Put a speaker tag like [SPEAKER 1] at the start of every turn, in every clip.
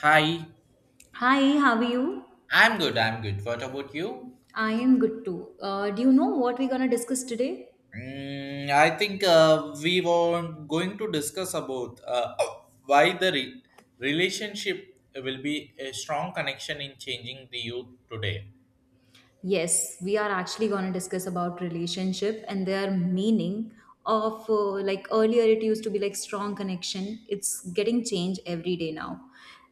[SPEAKER 1] Hi,
[SPEAKER 2] Hi, how are you?
[SPEAKER 1] I'm good. What about you?
[SPEAKER 2] I am good too. Do you know what we're gonna discuss today?
[SPEAKER 1] I think we were going to discuss about why the relationship will be a strong connection in changing the youth today.
[SPEAKER 2] Yes, we are actually gonna discuss about relationship and their meaning of like earlier it used to be like strong connection. It's getting changed every day now.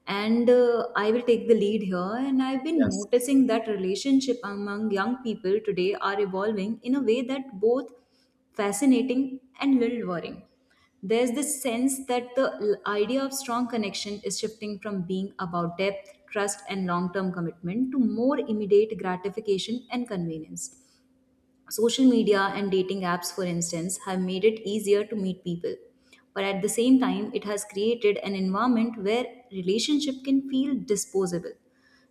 [SPEAKER 2] And I will take the lead here. And I've been
[SPEAKER 1] Yes.
[SPEAKER 2] noticing that relationship among young people today are evolving in a way that both fascinating and little worrying. There's this sense that the idea of strong connection is shifting from being about depth, trust, and long term commitment to more immediate gratification and convenience. Social media and dating apps, for instance, have made it easier to meet people. But at the same time, it has created an environment where relationship can feel disposable.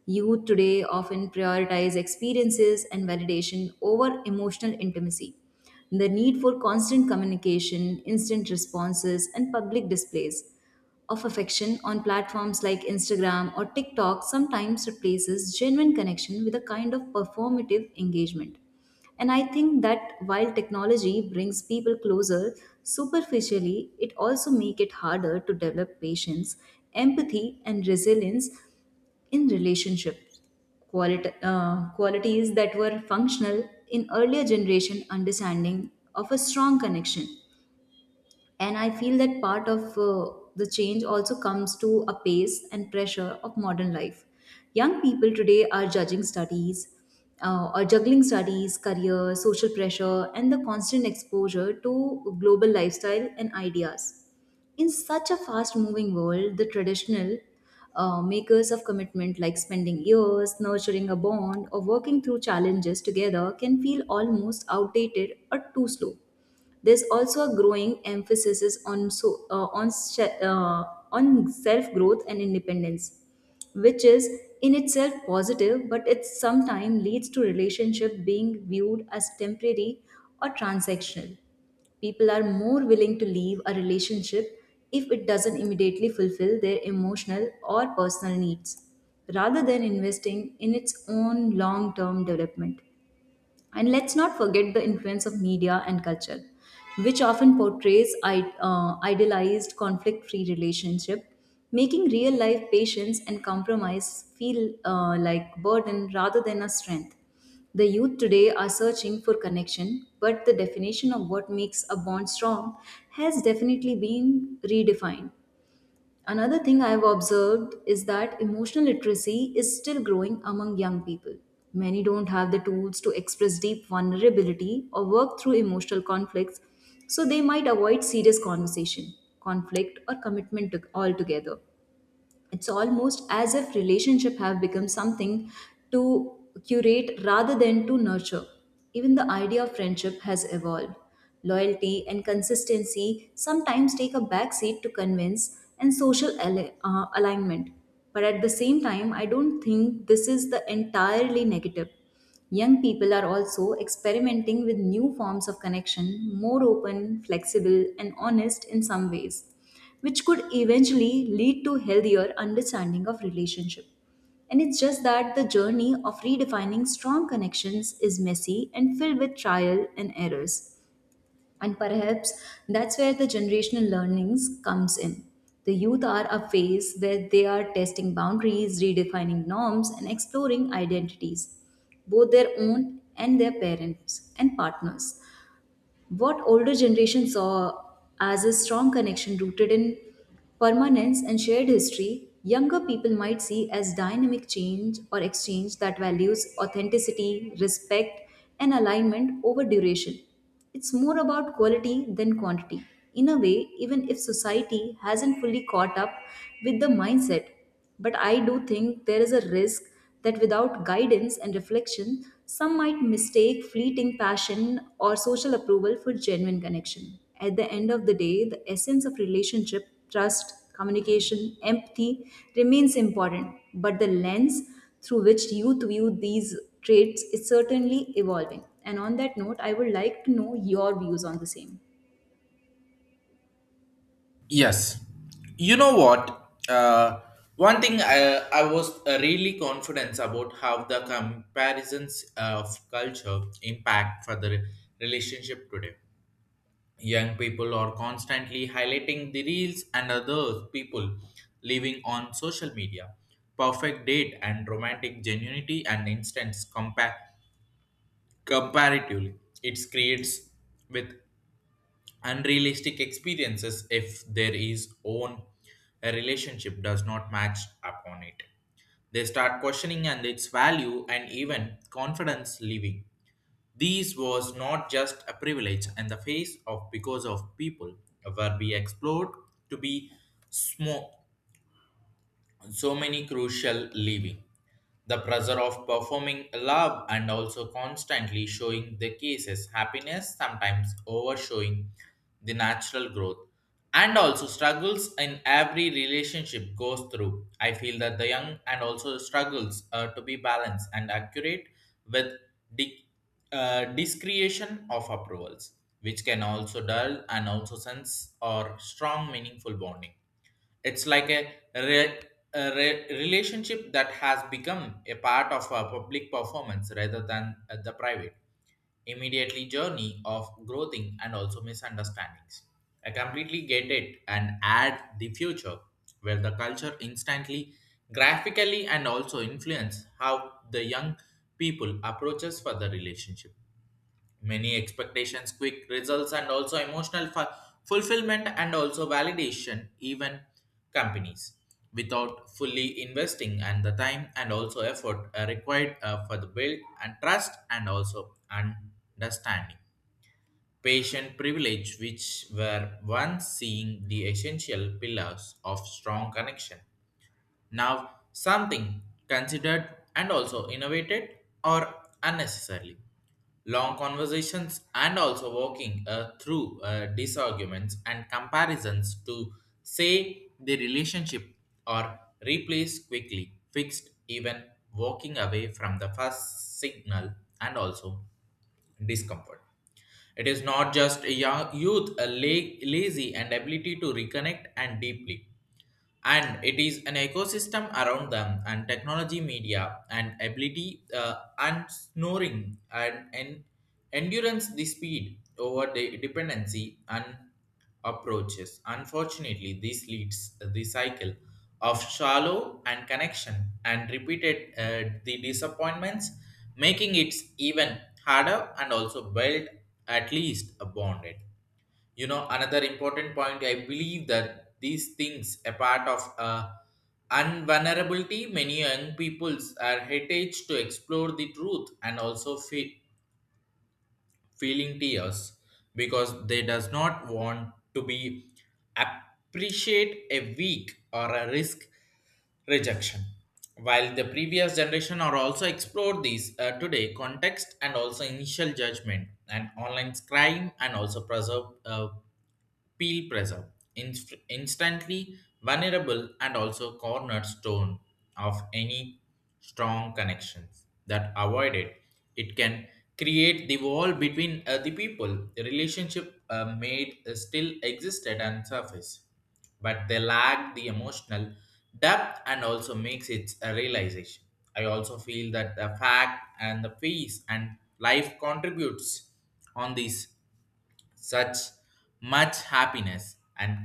[SPEAKER 2] Youth today often prioritize experiences and validation over emotional intimacy. The need for constant communication, instant responses, and public displays of affection on platforms like Instagram or TikTok sometimes replaces genuine connection with a kind of performative engagement. And I think that while technology brings people closer, superficially, it also makes it harder to develop patience, empathy, and resilience in relationships. Qualities that were functional in earlier generation understanding of a strong connection. And I feel that part of the change also comes to a pace and pressure of modern life. Young people today are judging studies or juggling studies, career, social pressure, and the constant exposure to global lifestyle and ideas. In such a fast moving world, the traditional makers of commitment, like spending years nurturing a bond or working through challenges together, can feel almost outdated or too slow. There's also a growing emphasis is on so on se- on self growth and independence, which is in itself positive, but it sometimes leads to relationship being viewed as temporary or transactional. People are more willing to leave a relationship if it doesn't immediately fulfill their emotional or personal needs, rather than investing in its own long term development. And let's not forget the influence of media and culture, which often portrays idealized conflict free relationship, making real life patience and compromise feel like burden rather than a strength. The youth today are searching for connection, but the definition of what makes a bond strong has definitely been redefined. Another thing I've observed is that emotional literacy is still growing among young people. Many don't have the tools to express deep vulnerability or work through emotional conflicts, so they might avoid serious conversation, conflict, or commitment altogether. It's almost as if relationship have become something to curate rather than to nurture. Even the idea of friendship has evolved. Loyalty and consistency sometimes take a backseat to convince and social alignment. But at the same time, I don't think this is the entirely negative. Young people are also experimenting with new forms of connection, more open, flexible, and honest in some ways, which could eventually lead to healthier understanding of relationship. And it's just that the journey of redefining strong connections is messy and filled with trial and errors. And perhaps that's where the generational learnings comes in. The youth are a phase where they are testing boundaries, redefining norms, and exploring identities, both their own and their parents and partners. What older generation saw as a strong connection rooted in permanence and shared history, younger people might see as dynamic change or exchange that values authenticity, respect, and alignment over duration. It's more about quality than quantity. In a way, even if society hasn't fully caught up with the mindset, but I do think there is a risk that without guidance and reflection, some might mistake fleeting passion or social approval for genuine connection. At the end of the day, the essence of relationship, trust, communication, empathy remains important, but the lens through which youth view these traits is certainly evolving. And on that note, I would like to know your views on the same.
[SPEAKER 1] Yes. You know what? One thing I was really confident about how the comparisons of culture impact for the relationship today. Young people are constantly highlighting the reels and other people living on social media, perfect date and romantic genuinity and instance comparatively, it creates with unrealistic experiences. If there is own a relationship does not match upon it, they start questioning and its value and even confidence leaving. These was not just a privilege and the face of because of people were be explored to be small, so many crucial leaving. The pressure of performing love and also constantly showing the cases happiness sometimes overshowing the natural growth, and also struggles in every relationship goes through. I feel that the young and also struggles to be balanced and accurate with di- discretion of approvals, which can also dull and also sense or strong meaningful bonding. It's like a relationship that has become a part of a public performance rather than the private immediately journey of growing and also misunderstandings. I completely get it, and add the future where the culture instantly graphically and also influence how the young people approaches for the relationship, many expectations, quick results, and also emotional fulfillment and also validation, even companies without fully investing and the time and also effort are required for the build and trust and also understanding. Patient privilege, which were once seeing the essential pillars of strong connection, now something considered and also innovated or unnecessarily. Long conversations and also walking through disarguments and comparisons to say the relationship or replace quickly, fixed, even walking away from the first signal and also discomfort. It is not just a young youth, a lazy and ability to reconnect and deeply, and it is an ecosystem around them, and technology media and ability and snoring and endurance the speed over the dependency and approaches. Unfortunately, this leads the cycle of shallow and connection and repeated the disappointments, making it even harder and also build at least a bonded. You know, another important point I believe that these things a part of unvulnerability. Many young peoples are heritage to explore the truth and also feeling tears because they does not want to be appreciate a weak or a risk rejection, while the previous generation are also explored these today context and also initial judgment and online crime and also preserve peel pressure, instantly vulnerable and also cornerstone of any strong connections that avoid it. It can create the wall between the people. The relationship made still existed and surface, but they lack the emotional depth and also makes it a realization. I also feel that the fact and the peace and life contributes on this such much happiness and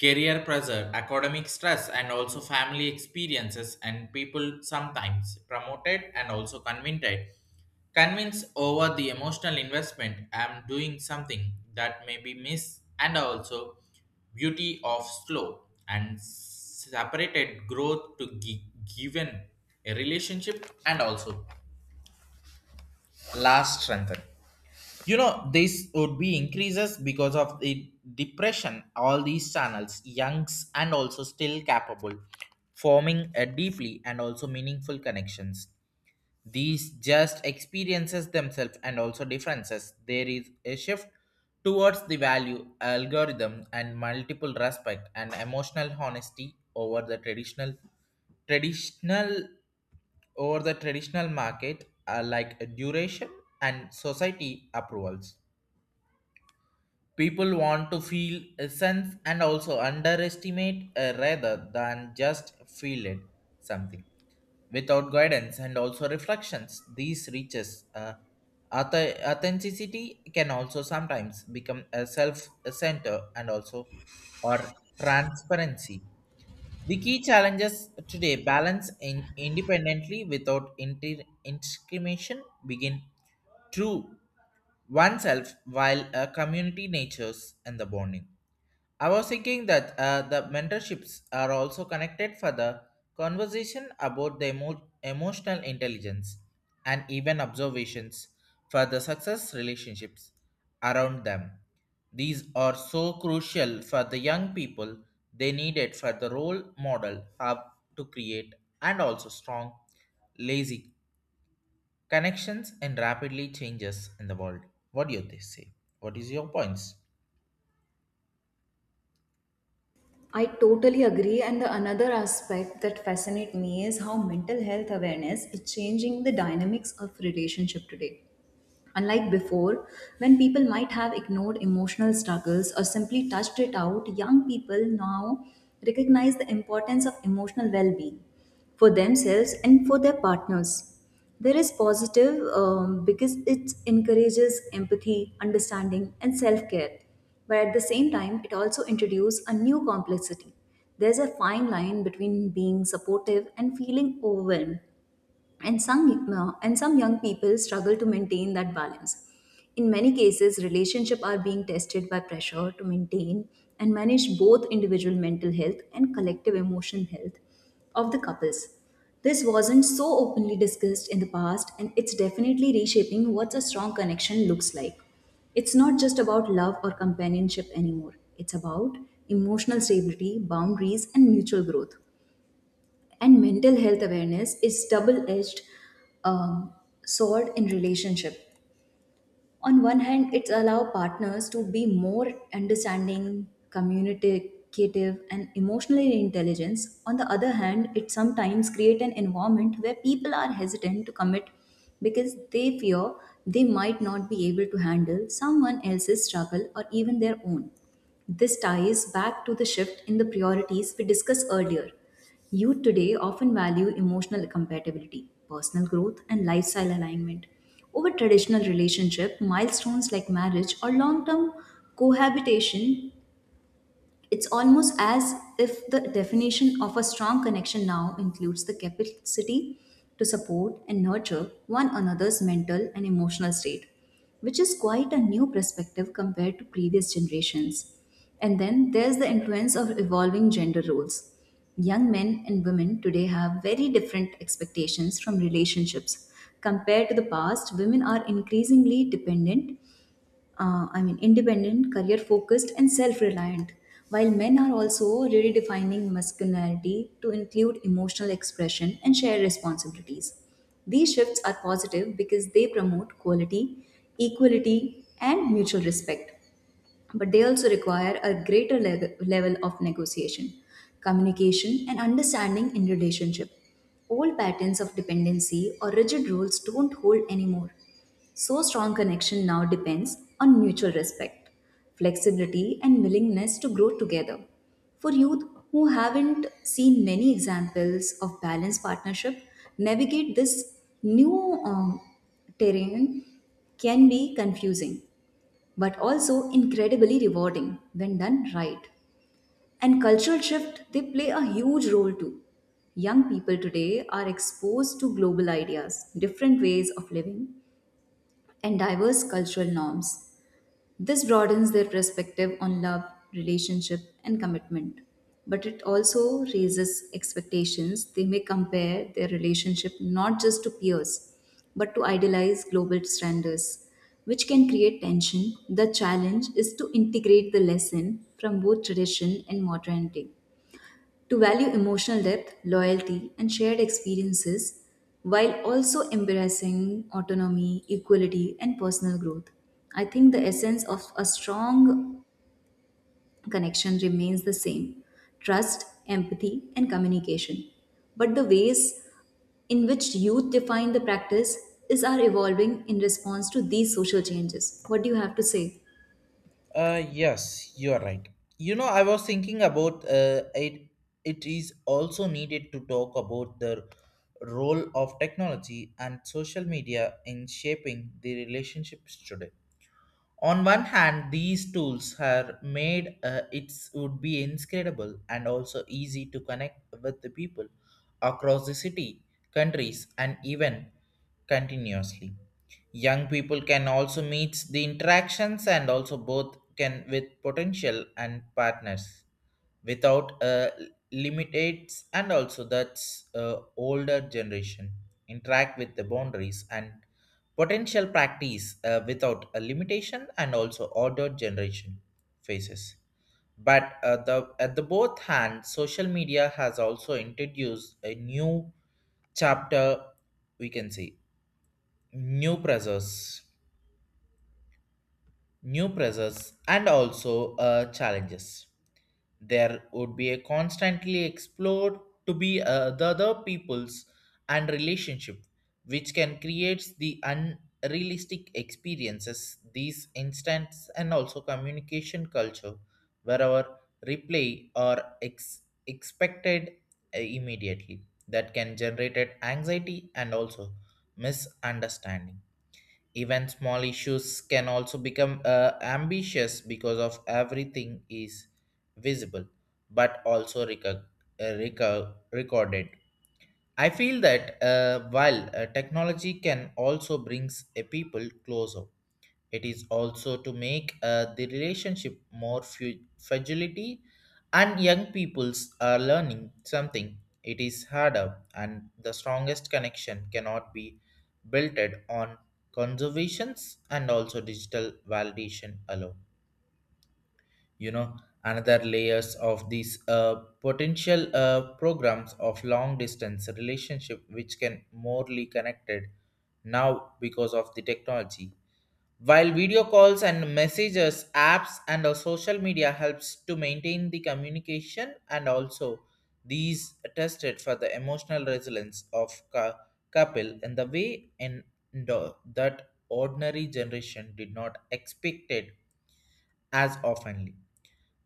[SPEAKER 1] career pressure, academic stress, and also family experiences, and people sometimes promoted and also convinced over the emotional investment. I'm doing something that may be missed, and also beauty of slow and separated growth to given a relationship and also last strengthen. You know, this would be increases because of the depression all these channels youngs and also still capable forming a deeply and also meaningful connections. These just experiences themselves and also differences. There is a shift towards the value algorithm and multiple respect and emotional honesty over traditional the traditional market like duration and society approvals. People want to feel a sense and also underestimate rather than just feel it something without guidance and also reflections. These reaches authenticity can also sometimes become a self center and also or transparency. The key challenges today balance in independently without intimidation begin true oneself while a community natures and the bonding. I was thinking that the mentorships are also connected for the conversation about the emotional intelligence and even observations for the success relationships around them. These are so crucial for the young people. They need it for the role model have to create and also strong, lazy connections in rapidly changes in the world. What do you say? What is your points?
[SPEAKER 2] I totally agree. And the another aspect that fascinates me is how mental health awareness is changing the dynamics of relationship today. Unlike before, when people might have ignored emotional struggles or simply touched it out, young people now recognize the importance of emotional well being for themselves and for their partners. There is positive because it encourages empathy, understanding, and self care, but at the same time, it also introduces a new complexity. There's a fine line between being supportive and feeling overwhelmed, and some young people struggle to maintain that balance. In many cases, relationships are being tested by pressure to maintain and manage both individual mental health and collective emotional health of the couples. This wasn't so openly discussed in the past, and it's definitely reshaping what a strong connection looks like. It's not just about love or companionship anymore. It's about emotional stability, boundaries, and mutual growth. And mental health awareness is double-edged um, sword in relationship. On one hand, it allows partners to be more understanding, communicative, and emotionally intelligent. On the other hand, it sometimes create an environment where people are hesitant to commit because they fear they might not be able to handle someone else's struggle or even their own. This ties back to the shift in the priorities we discussed earlier. Youth today often value emotional compatibility, personal growth, and lifestyle alignment over traditional relationship milestones like marriage or long term cohabitation. It's almost as if the definition of a strong connection now includes the capacity to support and nurture one another's mental and emotional state, which is quite a new perspective compared to previous generations. And then there's the influence of evolving gender roles. Young men and women today have very different expectations from relationships. Compared to the past, women are increasingly independent, career focused, and self reliant. While men are also redefining masculinity to include emotional expression and shared responsibilities. These shifts are positive because they promote equality, and mutual respect, but they also require a greater level of negotiation, communication, and understanding in relationship. Old patterns of dependency or rigid rules don't hold anymore. So, strong connection now depends on mutual respect, flexibility, and willingness to grow together. For youth who haven't seen many examples of balanced partnership, navigate this new terrain can be confusing but also incredibly rewarding when done right. And cultural shift, they play a huge role too. Young people today are exposed to global ideas, different ways of living, and diverse cultural norms. This broadens their perspective on love, relationship, and commitment. But it also raises expectations. They may compare their relationship not just to peers, but to idealized global standards, which can create tension. The challenge is to integrate the lesson from both tradition and modernity to value emotional depth, loyalty, and shared experiences while also embracing autonomy, equality, and personal growth. I think the essence of a strong connection remains the same, trust, empathy, and communication. But the ways in which youth define the practice is are evolving in response to these social changes. What do you have to say?
[SPEAKER 1] Yes, you are right. You know, I was thinking about it. It is also needed to talk about the role of technology and social media in shaping the relationships today. On one hand, these tools are made it would be inscrutable and also easy to connect with the people across the city, countries, and even continuously. Young people can also meet the interactions and also both can with potential and partners without limitates and also that's older generation interact with the boundaries and potential practice without a limitation and also older generation faces. But the at the both hand, social media has also introduced a new chapter, we can say, new pressures, new pressures and also challenges. There would be a constantly explored to be the other people's and relationship, which can create the unrealistic experiences. These instants and also communication culture, wherever replay or expected immediately, that can generate anxiety and also misunderstanding. Even small issues can also become ambitious because of everything is visible but also recorded. I feel that while technology can also brings a people closer, it is also to make the relationship more fragility, and young peoples are learning something. It is harder, and the strongest connection cannot be built on conservations and also digital validation alone. You know, another layers of these potential programs of long distance relationship, which can morely connected now because of the technology. While video calls and messages, apps and our social media helps to maintain the communication and also these tested for the emotional resilience of couple in the way in that ordinary generation did not expect it as oftenly.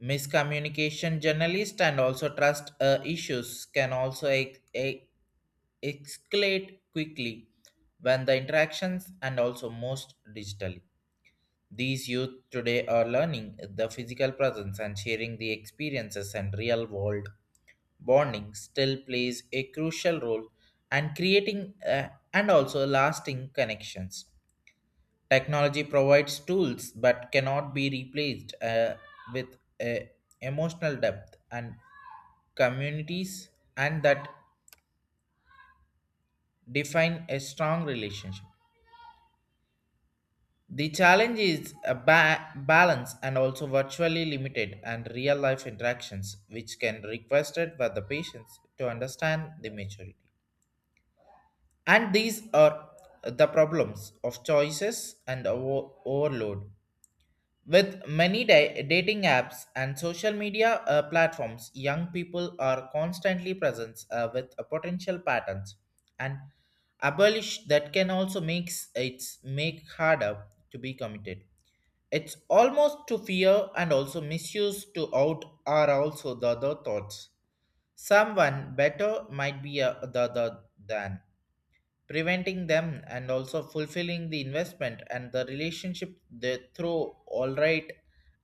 [SPEAKER 1] Miscommunication journalists and also trust issues can also escalate quickly when the interactions and also most digitally, these youth today are learning the physical presence and sharing the experiences and real world bonding still plays a crucial role and creating and also lasting connections. Technology provides tools but cannot be replaced with a emotional depth and communities and that define a strong relationship. The challenge is a balance and also virtually limited and real life interactions, which can requested by the patients to understand the maturity. And these are the problems of choices and overload. With many dating apps and social media platforms, young people are constantly present with potential patterns and abolish that can also makes it make harder to be committed. It's almost to fear and also misuse to out are also the other thoughts. Someone better might be the other than preventing them and also fulfilling the investment and the relationship they throw all right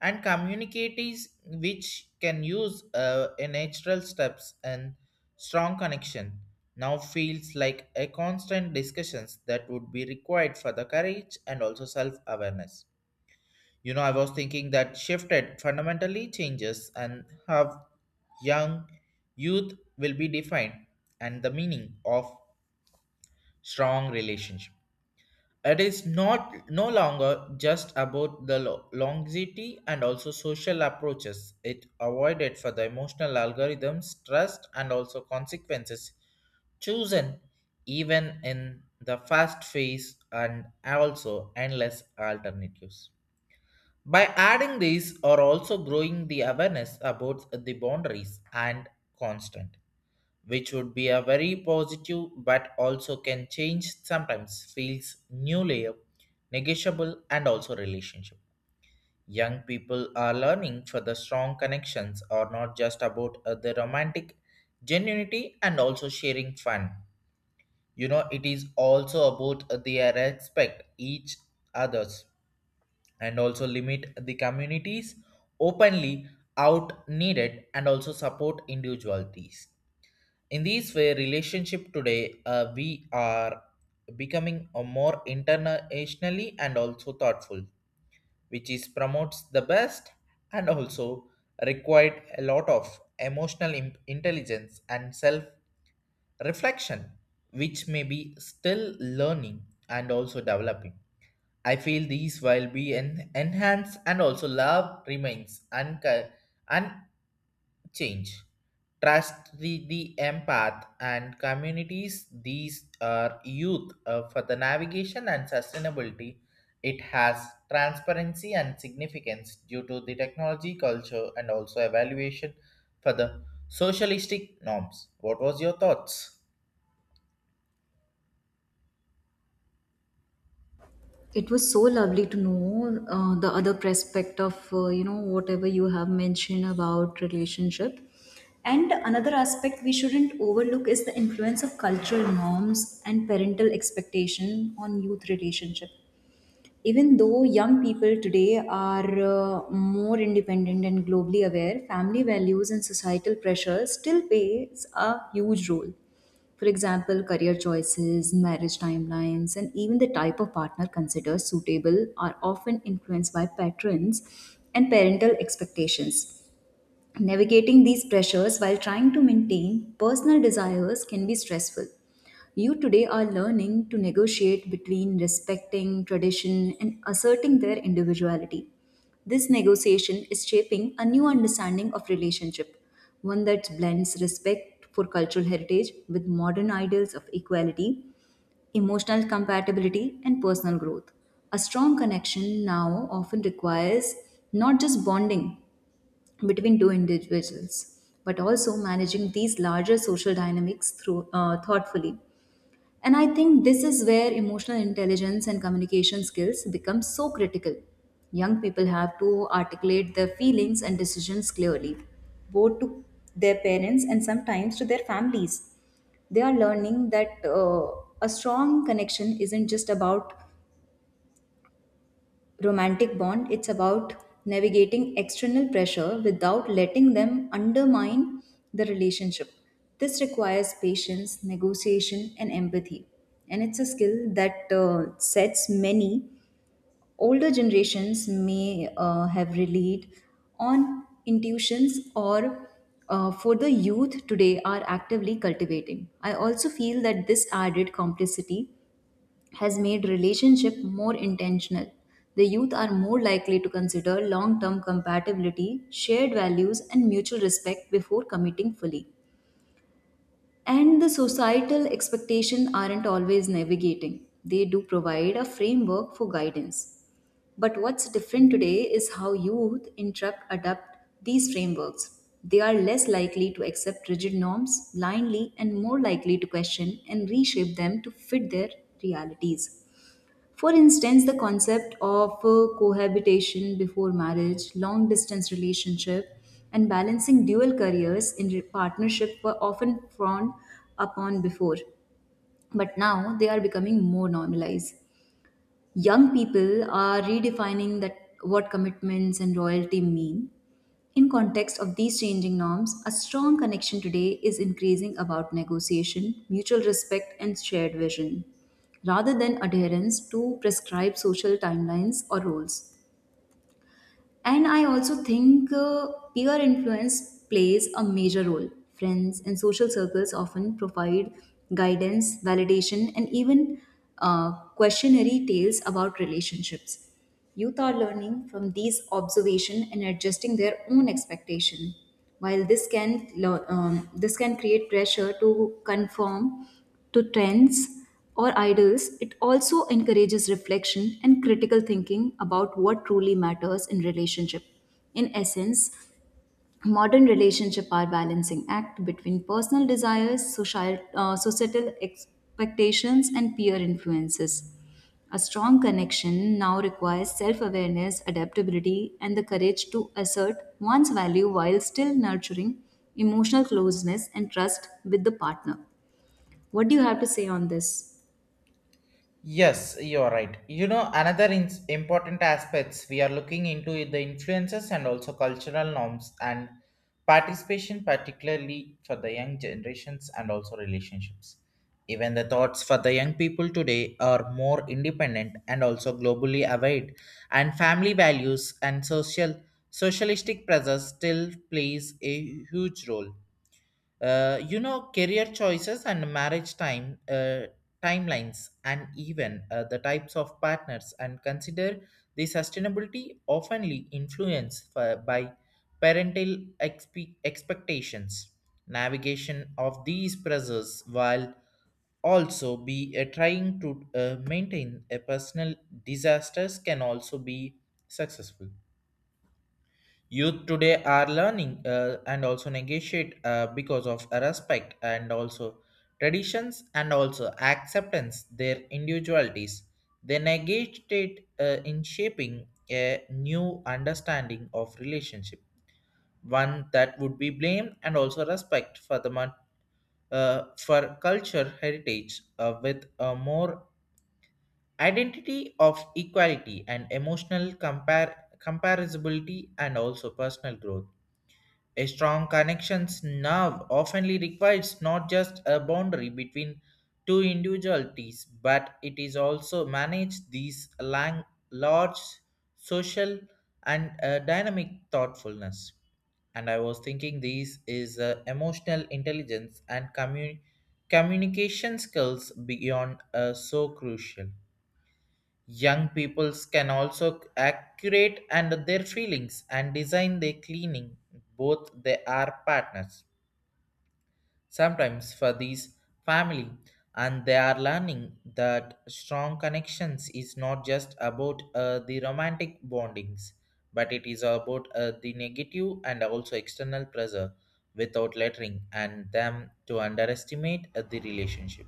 [SPEAKER 1] and communicates, which can use a natural steps and strong connection now feels like a constant discussions that would be required for the courage and also self-awareness. You know, I was thinking that shifted fundamentally changes and how young youth will be defined and the meaning of strong relationship. It is not no longer just about the longevity and also social approaches. It avoided for the emotional algorithms, trust, and also consequences chosen even in the fast phase and also endless alternatives. By adding these are also growing the awareness about the boundaries and constant, which would be a very positive but also can change sometimes feels new layer, negotiable and also relationship. Young people are learning for the strong connections are not just about the romantic genuinity and also sharing fun. You know, it is also about their respect each others and also limit the communities openly out needed and also support individualities. In these way relationship today we are becoming a more internationally and also thoughtful, which is promotes the best and also required a lot of emotional intelligence and self reflection, which may be still learning and also developing. I feel these will be enhanced and also love remains unchanged. Trust, the empath and communities, these are youth for the navigation and sustainability. It has transparency and significance due to the technology, culture, and also evaluation for the socialistic norms. What was your thoughts?
[SPEAKER 2] It was so lovely to know the other perspective of whatever you have mentioned about relationship. And another aspect we shouldn't overlook is the influence of cultural norms and parental expectation on youth relationship. Even though young people today are more independent and globally aware, family values and societal pressure still plays a huge role. For example, career choices, marriage timelines, and even the type of partner considered suitable are often influenced by patrons and parental expectations. Navigating these pressures while trying to maintain personal desires can be stressful. You today are learning to negotiate between respecting tradition and asserting their individuality. This negotiation is shaping a new understanding of relationship, one that blends respect for cultural heritage with modern ideals of equality, emotional compatibility, and personal growth. A strong connection now often requires not just bonding between two individuals, but also managing these larger social dynamics through thoughtfully. And I think this is where emotional intelligence and communication skills become so critical. Young people have to articulate their feelings and decisions clearly, both to their parents and sometimes to their families. They are learning that a strong connection isn't just about romantic bond. It's about navigating external pressure without letting them undermine the relationship. This requires patience, negotiation, and empathy. And it's a skill that sets many older generations may have relied on intuitions or for the youth today are actively cultivating. I also feel that this added complexity has made relationship more intentional. The youth are more likely to consider long-term compatibility, shared values and mutual respect before committing fully. And the societal expectations aren't always navigating. They do provide a framework for guidance. But what's different today is how youth interrupt adapt these frameworks. They are less likely to accept rigid norms blindly and more likely to question and reshape them to fit their realities. For instance, the concept of cohabitation before marriage, long distance relationship, and balancing dual careers in partnership were often frowned upon before, but now they are becoming more normalized. Young people are redefining that what commitments and loyalty mean in context of these changing norms. A strong connection today is increasing about negotiation, mutual respect and shared vision rather than adherence to prescribed social timelines or roles. And I also think peer influence plays a major role. Friends and social circles often provide guidance, validation, and even questionnaire tales about relationships. Youth are learning from these observation and adjusting their own expectation. While this can create pressure to conform to trends, or idols, it also encourages reflection and critical thinking about what truly matters in relationship. In essence, modern relationship are balancing act between personal desires, societal expectations, and peer influences. A strong connection now requires self awareness, adaptability, and the courage to assert one's value while still nurturing emotional closeness and trust with the partner. What do you have to say on this?
[SPEAKER 1] Yes, you're right. You know, another important aspects we are looking into is the influences and also cultural norms and participation, particularly for the young generations and also relationships. Even the thoughts for the young people today are more independent and also globally aware, and family values and social socialistic pressures still plays a huge role, career choices and marriage timelines, and even the types of partners and consider the sustainability oftenly influenced by parental expectations, navigation of these pressures while also be trying to maintain a personal disasters can also be successful. Youth today are learning and also negotiate because of respect and also traditions and also acceptance their individualities. They negotiate in shaping a new understanding of relationship, one that would be blame and also respect for the for culture heritage with a more identity of equality and emotional compare comparability and also personal growth. A strong connections now oftenly requires not just a boundary between two individualities, but it is also manage these large social and dynamic thoughtfulness. And I was thinking these is emotional intelligence and communication skills beyond so crucial. Young peoples can also accurate and their feelings and design their cleaning. Both they are partners. Sometimes for these family, and they are learning that strong connections is not just about the romantic bondings, but it is about the negative and also external pressure without lettering and them to underestimate the relationship.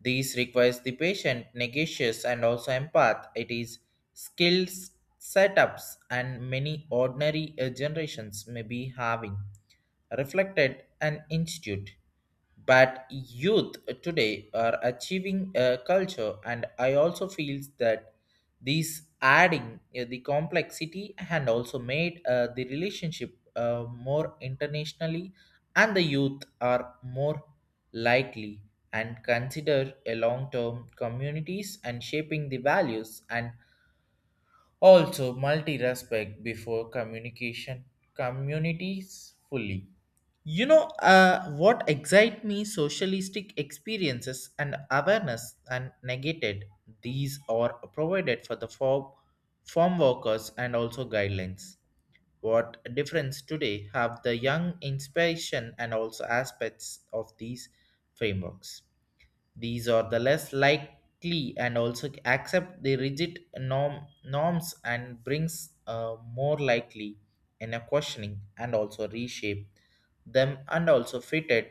[SPEAKER 1] These requires the patient, negotiates, and also empath. It is skills setups, and many ordinary generations may be having reflected an institute, but youth today are achieving a culture, and I also feels that these adding the complexity and also made the relationship more internationally, and the youth are more likely and consider a long-term communities and shaping the values and also multi-respect before communication communities fully. You know, what excite me socialistic experiences and awareness and negated, these are provided for the form workers and also guidelines. What difference today have the young inspiration and also aspects of these frameworks. These are the less likely and also accept the rigid norms, and brings more likely in a questioning and also reshape them and also fitted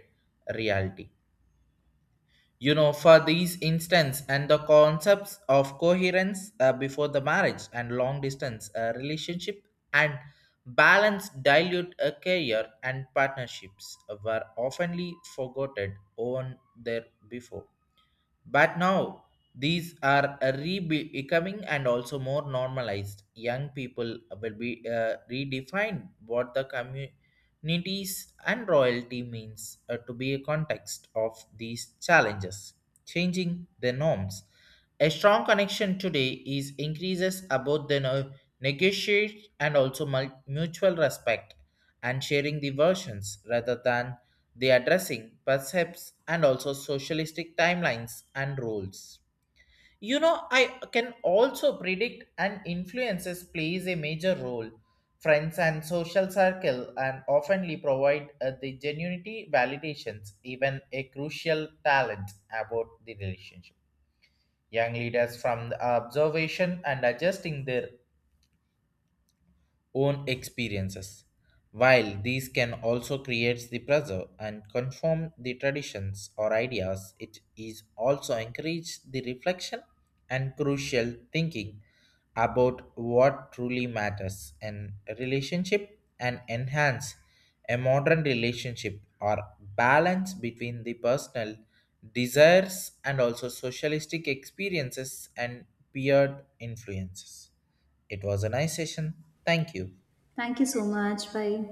[SPEAKER 1] reality. You know, for these instance and the concepts of coherence before the marriage and long distance relationship, and balance dilute a career and partnerships were oftenly forgotten on there before, but now these are becoming and also more normalized. Young people will be redefined what the communities and royalty means to be a context of these challenges, changing the norms. A strong connection today is increases about the negotiate and also mutual respect and sharing the versions rather than they are addressing percepts and also socialistic timelines and roles. You know, I can also predict and influences plays a major role. Friends and social circle and oftenly provide the genuinity validations, even a crucial talent about the relationship. Young leaders from the observation and adjusting their own experiences. While these can also create the pressure and confirm the traditions or ideas, it is also encourage the reflection and crucial thinking about what truly matters in a relationship and enhance a modern relationship or balance between the personal desires and also socialistic experiences and peer influences. It was a nice session. Thank you.
[SPEAKER 2] Thank you so much. Bye.